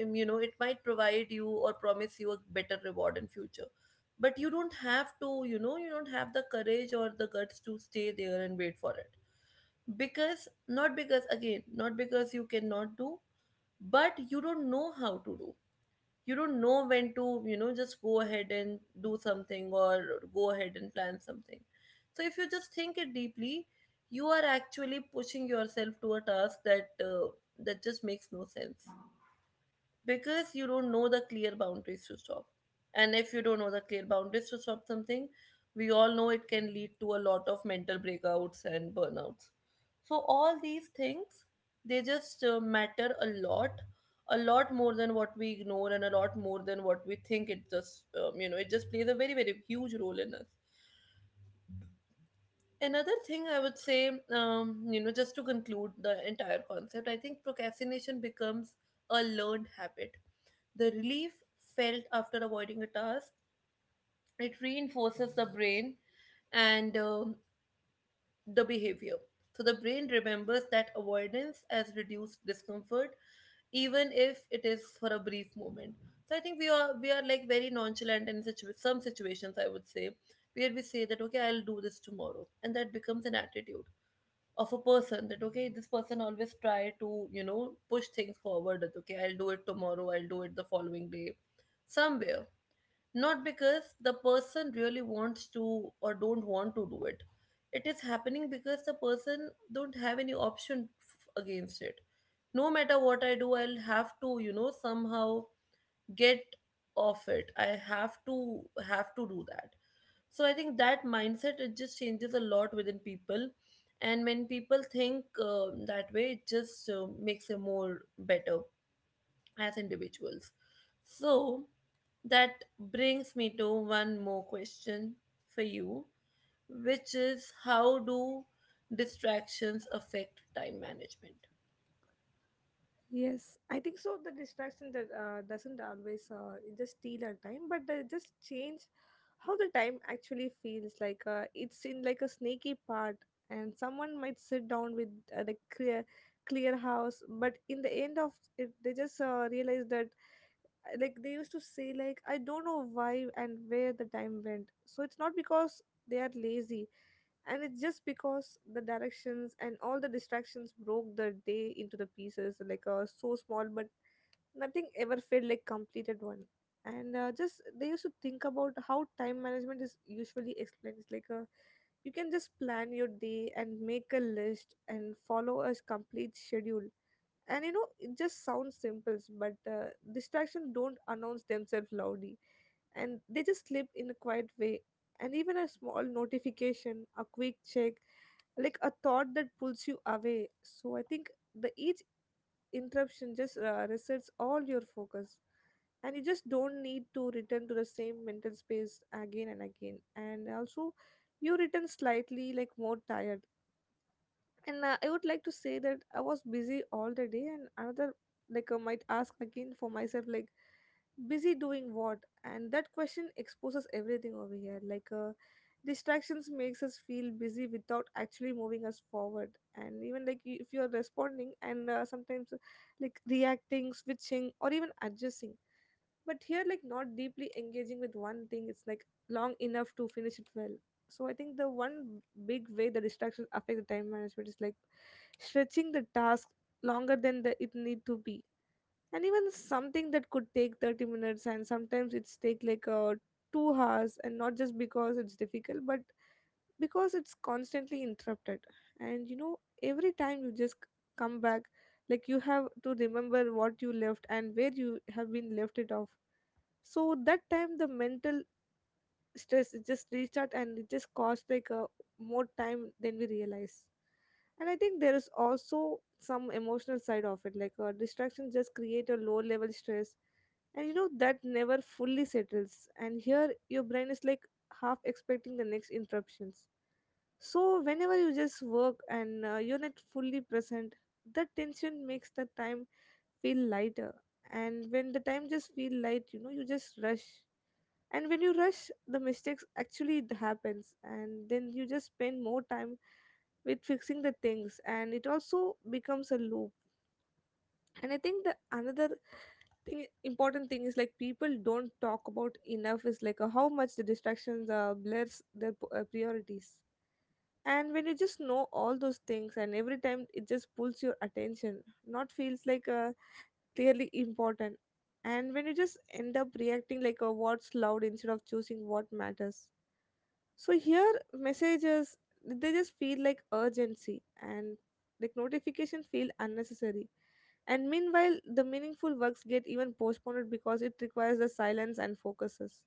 Speaker 1: it might provide you or promise you a better reward in future. But you don't have to, you don't have the courage or the guts to stay there and wait for it, because not because, again, not because you cannot do, but you don't know how to do. You don't know when to, just go ahead and do something, or go ahead and plan something. So if you just think it deeply, you are actually pushing yourself to a task that that just makes no sense, because you don't know the clear boundaries to stop. And if you don't know the clear boundaries to stop something, we all know it can lead to a lot of mental breakouts and burnouts. So, all these things, they just matter a lot more than what we ignore, and a lot more than what we think. It just, it just plays a very, very huge role in us. Another thing I would say, just to conclude the entire concept, I think procrastination becomes a learned habit. The relief felt after avoiding a task, it reinforces the brain and the behavior. So the brain remembers that avoidance as reduced discomfort, even if it is for a brief moment. So I think we are like very nonchalant in some situations, I would say, where we say that, okay, I'll do this tomorrow, and that becomes an attitude of a person, that okay, this person always try to, push things forward, that okay, I'll do it tomorrow, I'll do it the following day, somewhere. Not because the person really wants to or don't want to do it, it is happening because the person don't have any option against it. No matter what I do, I'll have to, somehow get off it. I have to have to do that. So I think that mindset, it just changes a lot within people. And when people think that way, it just makes them more better as individuals. So that brings me to one more question for you, which is, how do distractions affect time management?
Speaker 2: Yes, I think so. The distraction that doesn't always, it just steal our time, but they just change how the time actually feels. Like it's in like a snaky part, and someone might sit down with the clear house, but in the end of it, they just realize that, like they used to say, like I don't know why and where the time went. So it's not because they are lazy, and it's just because the directions and all the distractions broke the day into the pieces, like so small, but nothing ever felt like completed one. And just they used to think about how time management is usually explained. It's like you can just plan your day and make a list and follow a complete schedule, and you know it just sounds simple, but distractions don't announce themselves loudly, and they just slip in a quiet way, and even a small notification, a quick check, like a thought that pulls you away. So I think the each interruption just resets all your focus, and you just don't need to return to the same mental space again and again. And also you return slightly like more tired. And I would like to say that I was busy all the day, and another, like I might ask again for myself, like busy doing what? And that question exposes everything over here, like distractions makes us feel busy without actually moving us forward. And even like, if you're responding and sometimes, like reacting, switching or even adjusting, but here like not deeply engaging with one thing, it's like long enough to finish it well. So I think the one big way the distractions affect the time management is like stretching the task longer than the, it need to be. And even something that could take 30 minutes and sometimes it's take like 2 hours, and not just because it's difficult but because it's constantly interrupted. And you know, every time you just come back, like you have to remember what you left and where you have been left it off. So that time the mental stress it just restart, and it just cost like a more time than we realize. And I think there is also some emotional side of it, like distractions just create a low level stress, and you know that never fully settles, and here your brain is like half expecting the next interruptions. So whenever you just work and you're not fully present, that tension makes the time feel lighter. And when the time just feel light, you know you just rush, and when you rush the mistakes actually it happens, and then you just spend more time with fixing the things, and it also becomes a loop. And I think the another thing important thing is like people don't talk about enough is like how much the distractions blurs their priorities. And when you just know all those things, and every time it just pulls your attention, not feels like clearly important. And when you just end up reacting like a what's loud instead of choosing what matters. So here messages, they just feel like urgency, and like notification feel unnecessary. And meanwhile the meaningful works get even postponed because it requires the silence and focuses,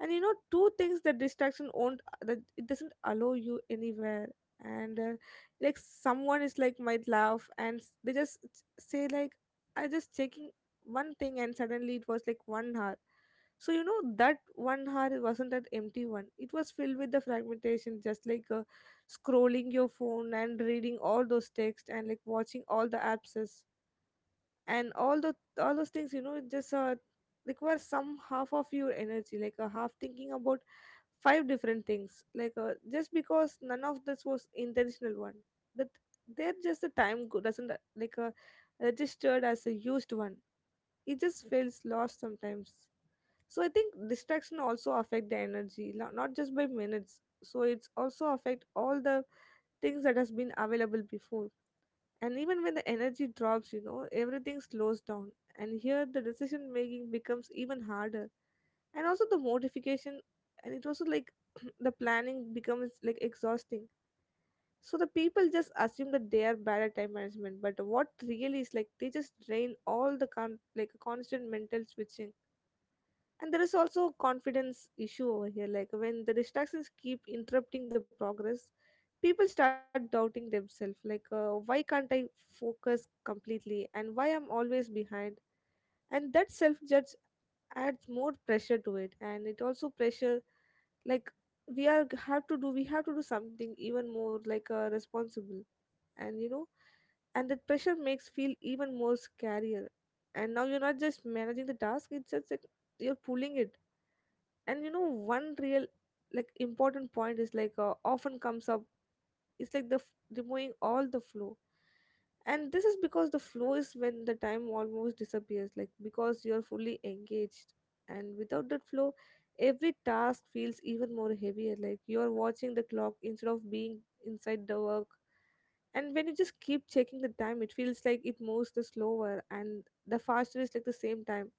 Speaker 2: and you know, two things that distraction won't, that it doesn't allow you anywhere. And like someone is like might laugh and they just say like I just checking one thing and suddenly it was like 1 hour. So you know that 1 hour wasn't an empty one, it was filled with the fragmentation just like scrolling your phone and reading all those texts and like watching all the apps and all those things, you know it just requires some half of your energy, like a half thinking about five different things, like just because none of this was intentional one, that they're just the time doesn't registered as a used one, it just feels lost sometimes. So I think distraction also affect the energy not just by minutes, so it's also affect all the things that has been available before. And even when the energy drops, you know everything slows down, and here the decision making becomes even harder, and also the modification. And it also like [clears throat] the planning becomes like exhausting. So the people just assume that they are bad at time management, but what really is like they just drain all the like constant mental switching. And there is also confidence issue over here, like when the distractions keep interrupting the progress, people start doubting themselves like why can't I focus completely and why I'm always behind? And that self judge adds more pressure to it, and it also pressure, like we are have to do, we have to do something even more like responsible. And you know, and that pressure makes feel even more scarier, and now you're not just managing the task, it's just like you're pulling it. And you know, one real like important point is like often comes up, it's like the removing all the flow. And this is because the flow is when the time almost disappears like because you're fully engaged. And without that flow, every task feels even more heavier, like you're watching the clock instead of being inside the work. And when you just keep checking the time, it feels like it moves the slower and the faster is like the same time.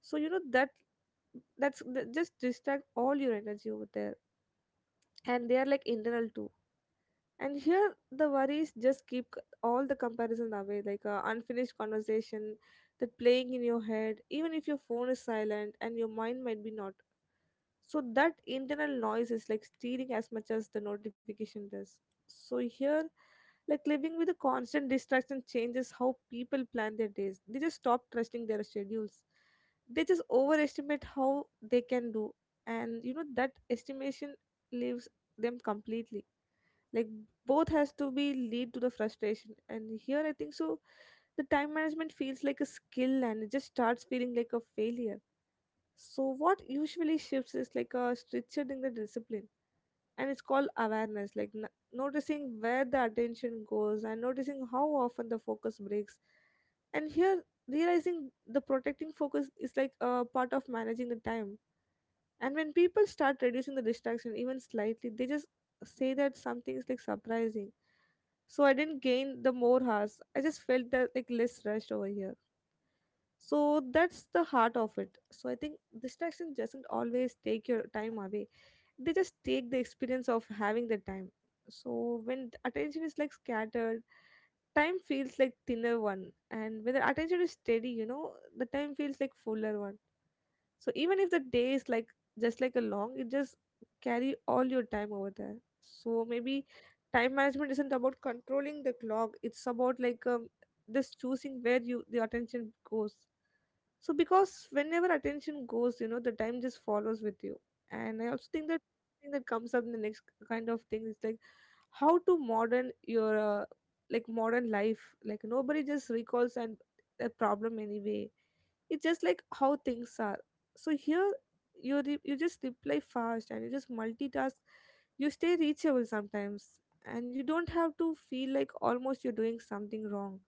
Speaker 2: So you know that, that's that just distract all your energy over there. And they are like internal too. And here the worries just keep all the comparison away, like a unfinished conversation that playing in your head, even if your phone is silent and your mind might be not. So that internal noise is like stealing as much as the notification does. So here, like living with a constant distraction changes how people plan their days. They just stop trusting their schedules, they just overestimate how they can do. And you know that estimation leaves them completely, like both has to be lead to the frustration. And here I think so the time management feels like a skill, and it just starts feeling like a failure. So what usually shifts is like a structure in the discipline, and it's called awareness, like noticing where the attention goes and noticing how often the focus breaks. And here, realizing the protecting focus is like a part of managing the time. And when people start reducing the distraction even slightly, they just say that something is like surprising. So I didn't gain the more hours, I just felt that like less rushed over here. So that's the heart of it. So I think distraction doesn't always take your time away, they just take the experience of having the time. So when the attention is like scattered, time feels like thinner one, and when the attention is steady, you know the time feels like fuller one. So even if the day is like just like a long, it just carry all your time over there. So maybe time management isn't about controlling the clock. It's about like just choosing where you the attention goes. So because whenever attention goes, you know, the time just follows with you. And I also think that thing that comes up in the next kind of thing is like how to modern your like modern life. Like nobody just recalls and a problem anyway. It's just like how things are so here you just reply fast and you just multitask, you stay reachable sometimes, and you don't have to feel like almost you're doing something wrong.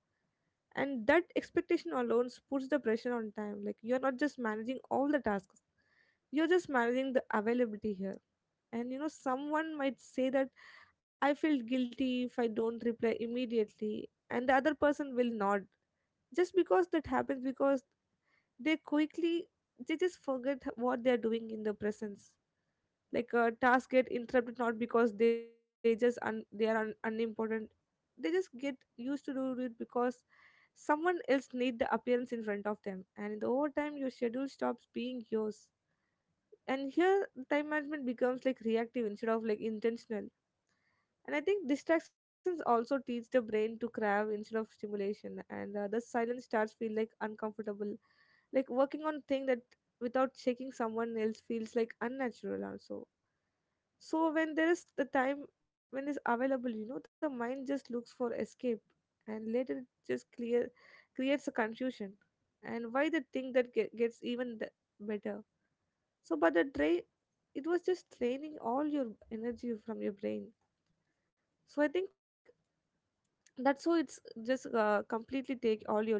Speaker 2: And that expectation alone puts the pressure on time. Like you're not just managing all the tasks, you're just managing the availability here. And you know someone might say that I feel guilty if I don't reply immediately and the other person will not. Just because that happens because they quickly, they just forget what they're doing in the presence. Like a task get interrupted not because they just they are unimportant. They just get used to do it because someone else need the appearance in front of them, and in the overtime your schedule stops being yours. And here time management becomes like reactive instead of like intentional. And I think distractions also teach the brain to crave instead of stimulation, and the silence starts feel like uncomfortable. Like working on thing that without checking someone else feels like unnatural also. So when there is the time when is available, you know, the mind just looks for escape, and later it just clear creates a confusion, and why the thing that gets even better. So, but the drain, it was just draining all your energy from your brain. So I think that's so it's just completely take all your day.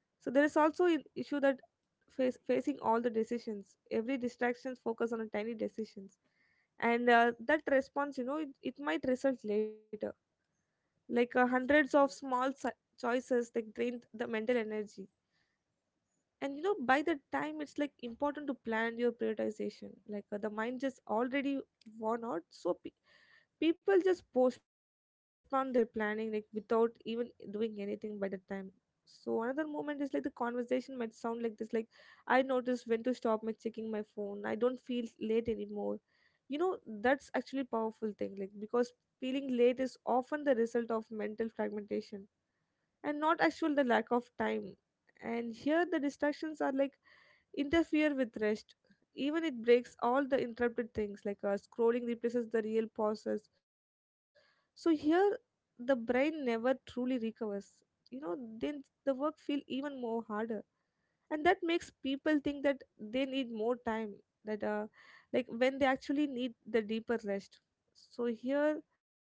Speaker 2: So there is also an issue that facing all the decisions, every distractions focus on a tiny decisions. And that response, you know, it might result later like hundreds of small choices that drain the mental energy. And you know by the time it's like important to plan your prioritization, like the mind just already worn out, so people just postpone their planning like without even doing anything by the time. So another moment is like the conversation might sound like this, like I noticed when to stop my checking my phone I don't feel late anymore, you know. That's actually powerful thing, like because feeling late is often the result of mental fragmentation and not actual the lack of time. And here the distractions are like interfere with rest, even it breaks all the interrupted things, like scrolling replaces the real pauses. So here the brain never truly recovers, you know, then the work feel even more harder, and that makes people think that they need more time, that uh, like when they actually need the deeper rest. So here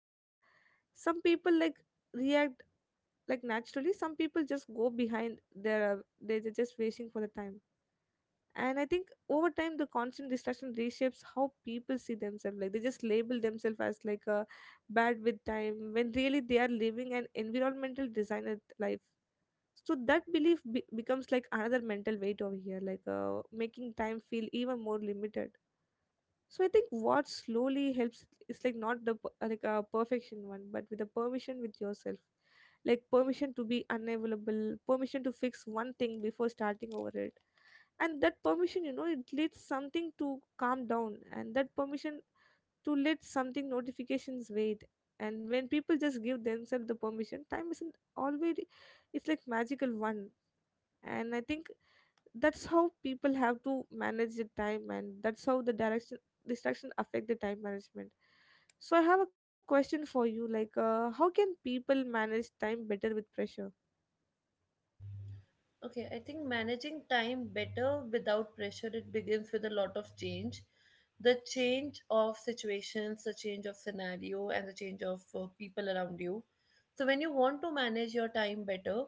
Speaker 2: some people like react like naturally, some people just go behind their they're just waiting for the time. And I think over time the constant distraction reshapes how people see themselves, like they just label themselves as like a bad with time when really they are living an environmental designer life. So that belief becomes like another mental weight over here, like making time feel even more limited. So I think what slowly helps is like not the like a perfection one, but with the permission with yourself. Like permission to be unavailable, permission to fix one thing before starting over it. And that permission, you know, it leads something to calm down, and that permission to let something notifications wait. And when people just give themselves the permission time isn't always, it's like magical one. And I think that's how people have to manage the time, and that's how the direction distraction affect the time management. So I have a question for you, like how can people manage time better with pressure?
Speaker 1: Okay, I think managing time better without pressure, it begins with a lot of change. The change of situations, the change of scenario, and the change of people around you. So, when you want to manage your time better,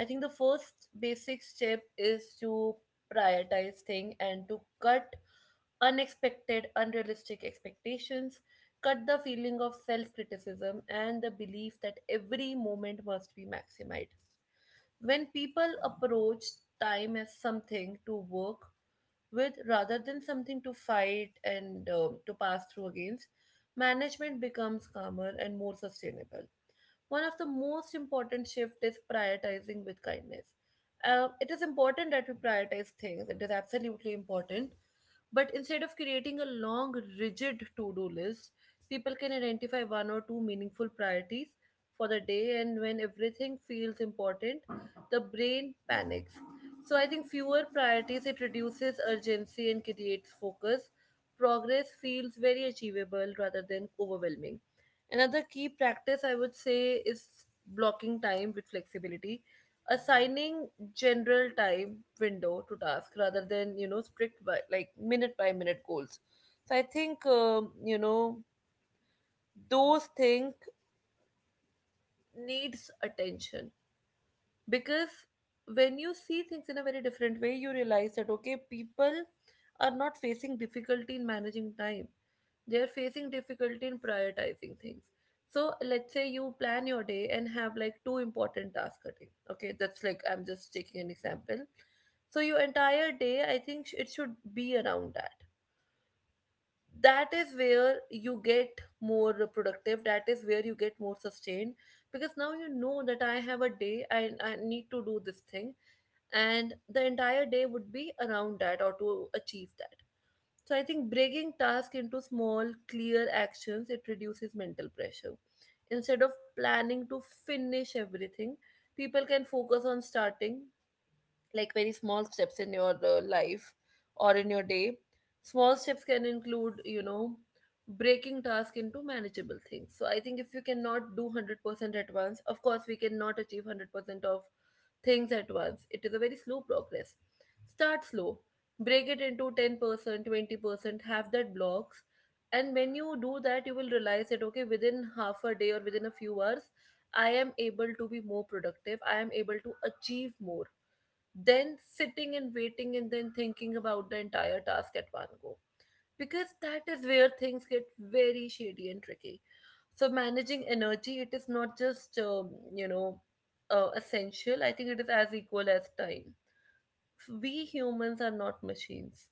Speaker 1: I think the first basic step is to prioritize thing and to cut unexpected, unrealistic expectations, cut the feeling of self criticism and the belief that every moment must be maximized. When people approach time as something to work with rather than something to fight and to pass through against, management becomes calmer and more sustainable. One of the most important shifts is prioritizing with kindness. It is important that we prioritize things. It is absolutely important. But instead of creating a long, rigid to do list, people can identify one or two meaningful priorities for the day, and when everything feels important, the brain panics. So, I think fewer priorities, it reduces urgency and creates focus. Progress feels very achievable rather than overwhelming. Another key practice I would say is blocking time with flexibility, assigning general time window to task rather than, strict by, like, minute by minute goals. So I think, those things needs attention, because when you see things in a very different way, you realize that, okay, people are not facing difficulty in managing time, they are facing difficulty in prioritizing things. So let's say you plan your day and have like two important tasks a day, okay, that's like I'm just taking an example. So your entire day, I think, it should be around that. That is where you get more productive, that is where you get more sustained, because now you know that I have a day and I need to do this thing, and the entire day would be around that or to achieve that. So I think breaking tasks into small, clear actions, it reduces mental pressure. Instead of planning to finish everything, people can focus on starting, like very small steps in your life or in your day. Small steps can include, breaking task into manageable things. So I think if you cannot do 100% at once, of course we cannot achieve 100% of things at once, it is a very slow progress. Start slow, break it into 10%, 20%, have that blocks. And when you do that, you will realize that, okay, within half a day or within a few hours, I am able to be more productive, I am able to achieve more than sitting and waiting and then thinking about the entire task at one go. Because that is where things get very shady and tricky. So managing energy, it is not just, essential. I think it is as equal as time. We humans are not machines,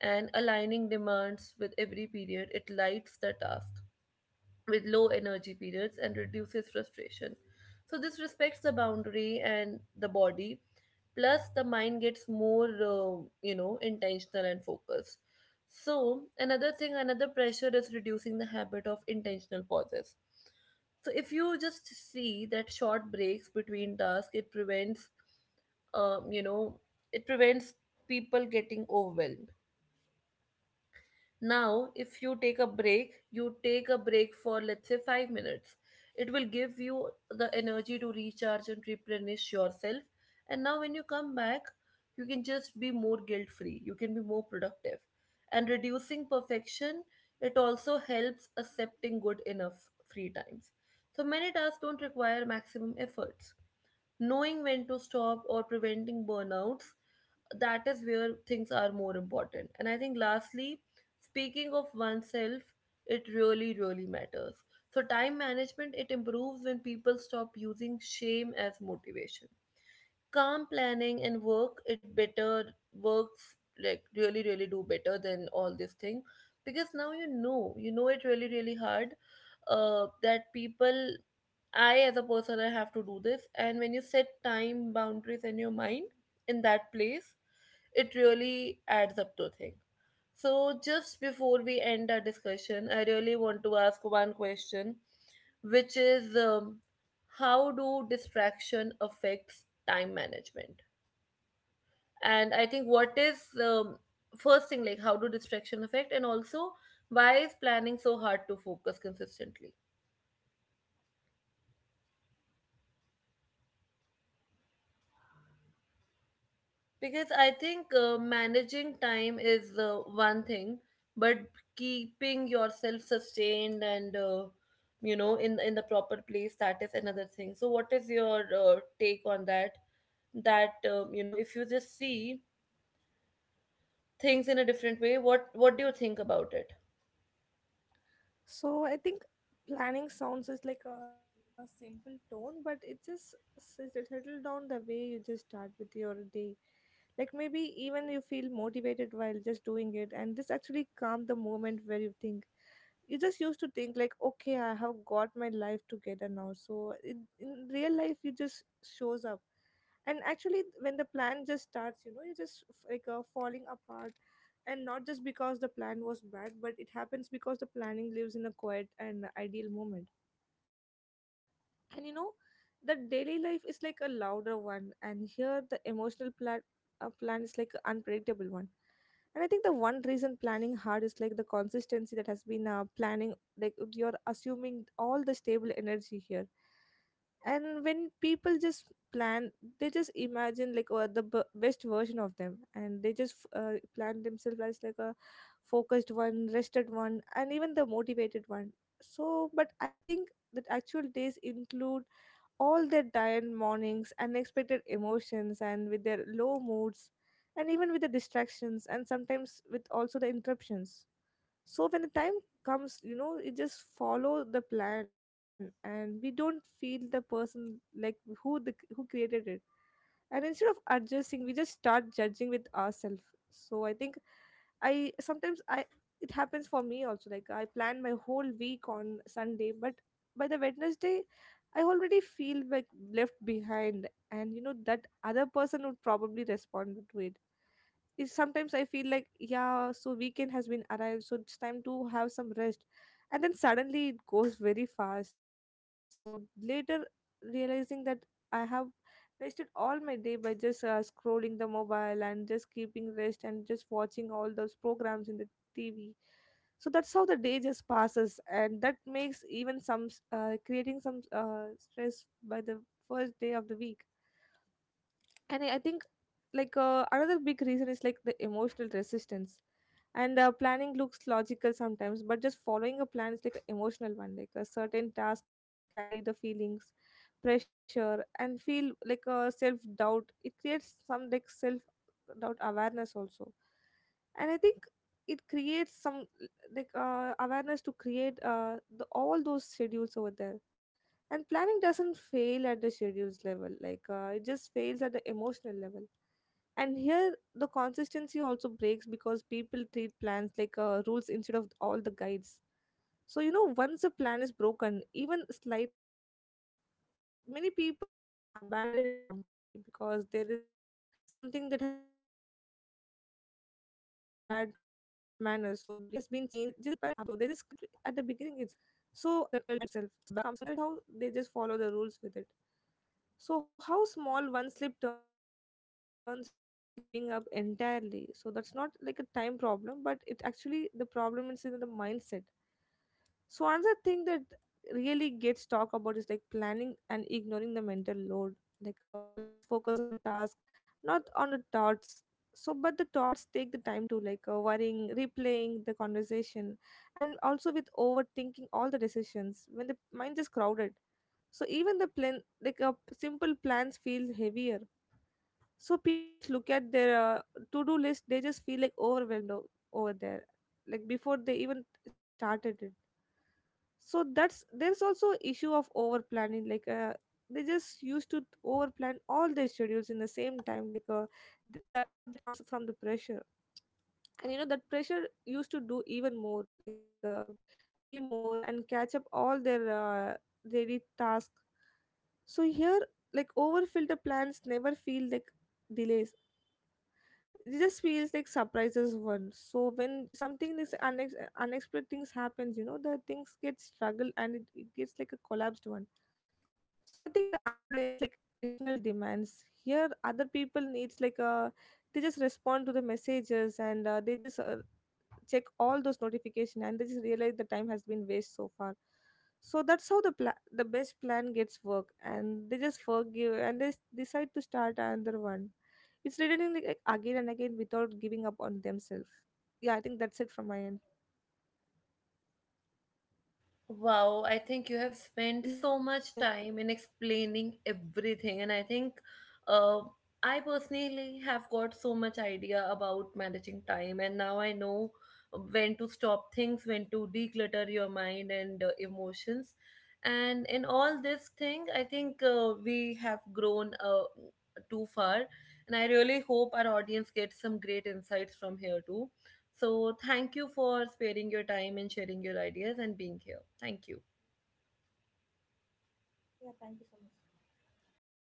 Speaker 1: and aligning demands with every period, it lights the task with low energy periods and reduces frustration. So, this respects the boundary and the body, plus, the mind gets more, intentional and focused. So, another thing, another pressure is reducing the habit of intentional pauses. So, if you just see that short breaks between tasks, it prevents, um, you know, it prevents people getting overwhelmed. Now, if you take a break, you take a break for, let's say, 5 minutes. It will give you the energy to recharge and replenish yourself. And now, when you come back, you can just be more guilt free, you can be more productive. And reducing perfection, it also helps accepting good enough free times. So, many tasks don't require maximum efforts, knowing when to stop or preventing burnouts, that is where things are more important. And I think, lastly, speaking of oneself, it really really matters. So time management, it improves when people stop using shame as motivation. Calm planning and work it better works, like, really really do better than all this thing. Because now you know it really really hard, that people, I as a person, I have to do this. And when you set time boundaries in your mind, in that place, it really adds up to things. So, just before we end our discussion, I really want to ask one question, which is, how do distraction affects time management? And I think, what is, first thing, like, how do distraction affect, and also why is planning so hard to focus consistently? Because I think managing time is one thing, but keeping yourself sustained and, in the proper place, that is another thing. So what is your take on that? That, if you just see things in a different way, what do you think about it?
Speaker 2: So I think planning sounds just like a simple tone, but it just settle down the way you just start with your day. Like maybe even you feel motivated while just doing it, and this actually calm the moment where you think. You just used to think like okay I have got my life together now so it, in real life you just shows up. And actually when the plan just starts, you know, you just falling apart, and not just because the plan was bad, but it happens because the planning lives in a quiet and ideal moment. And you know the daily life is like a louder one, and here the emotional plan is like an unpredictable one. And I think the one reason planning hard is like the consistency that has been planning, like you're assuming all the stable energy here. And when people just plan, they just imagine like the best version of them, and they just plan themselves as like a focused one, rested one, and even the motivated one. So but I think that actual days include all their tired mornings, unexpected emotions, and with their low moods, and even with the distractions, and sometimes with also the interruptions. So when the time comes, you know, it just follow the plan, and we don't feel the person like who created it, and instead of adjusting we just start judging with ourselves. So I think I sometimes I it happens for me also, like I plan my whole week on Sunday, but by the Wednesday I already feel like left behind. And you know that other person would probably respond to it is sometimes I feel like, yeah, so weekend has been arrived, so it's time to have some rest. And then suddenly it goes very fast. So later realizing that I have wasted all my day by just scrolling the mobile and just keeping rest and just watching all those programs in the TV. So that's how the day just passes, and that makes even some creating some stress by the first day of the week. And I think like another big reason is like the emotional resistance. And planning looks logical sometimes, but just following a plan is like an emotional one, like a certain task carry the feelings, pressure, and feel like a self doubt. It creates some like self doubt awareness also. And I think it creates some like awareness to create all those schedules over there. And planning doesn't fail at the schedules level, like it just fails at the emotional level. And here the consistency also breaks because people treat plans like rules instead of all the guides. So you know once a plan is broken even slightly, many people can abandon it completely because there is a something that has been changed, so now it will result in a bad manner. So they just compare it at the beginning itself. So I missed one thing, so the thing it has been ruined completely. So this is how they just follow the rules with it. So how small one slip turns into giving up entirely. So that's not like a time problem, but it actually the problem is in the mindset. So another thing that really gets talked about is like planning and ignoring the mental load. Like plans focus on the task, not on the thoughts. So, but the thoughts take the time to, like worrying, replaying the conversation, and also with overthinking all the decisions when the mind is crowded. So even the plan, like simple plans, feel heavier. So people just look at their to-do list, they just feel like overwhelmed over there, like before they even started it. So that's there's also issue of over planning. Like they just used to over plan all their schedules in the same time, like the urge that comes from the pressure. And you know that pressure used to do even more, like be more and catch up all their daily tasks. So here, like over filter plans never feel like delays, it just feels like surprises one. So when something this unexpected things happens, you know, the things get struggle, and it gets like a collapsed one. So I think the other layer is like external demands here, other people needs like a, they just respond to the messages, and they just check all those notification, and they just realize the time has been waste so far. So that's how the the best plan gets work, and they just forgive, and they decide to start another one. It's returning like again and again without giving up on themselves. Yeah, I think that's it from my end.
Speaker 1: Wow, I think you have spent so much
Speaker 2: Yes.
Speaker 1: time in explaining everything, and I think uh, I personally have got so much idea about managing time, and now I know when to stop things, when to declutter your mind and emotions. And in all this thing, I think we have grown too far, and I really hope our audience gets some great insights from here too. So, thank you for sparing your time and sharing your ideas and being here. Thank you.
Speaker 2: Yeah, thank you so much.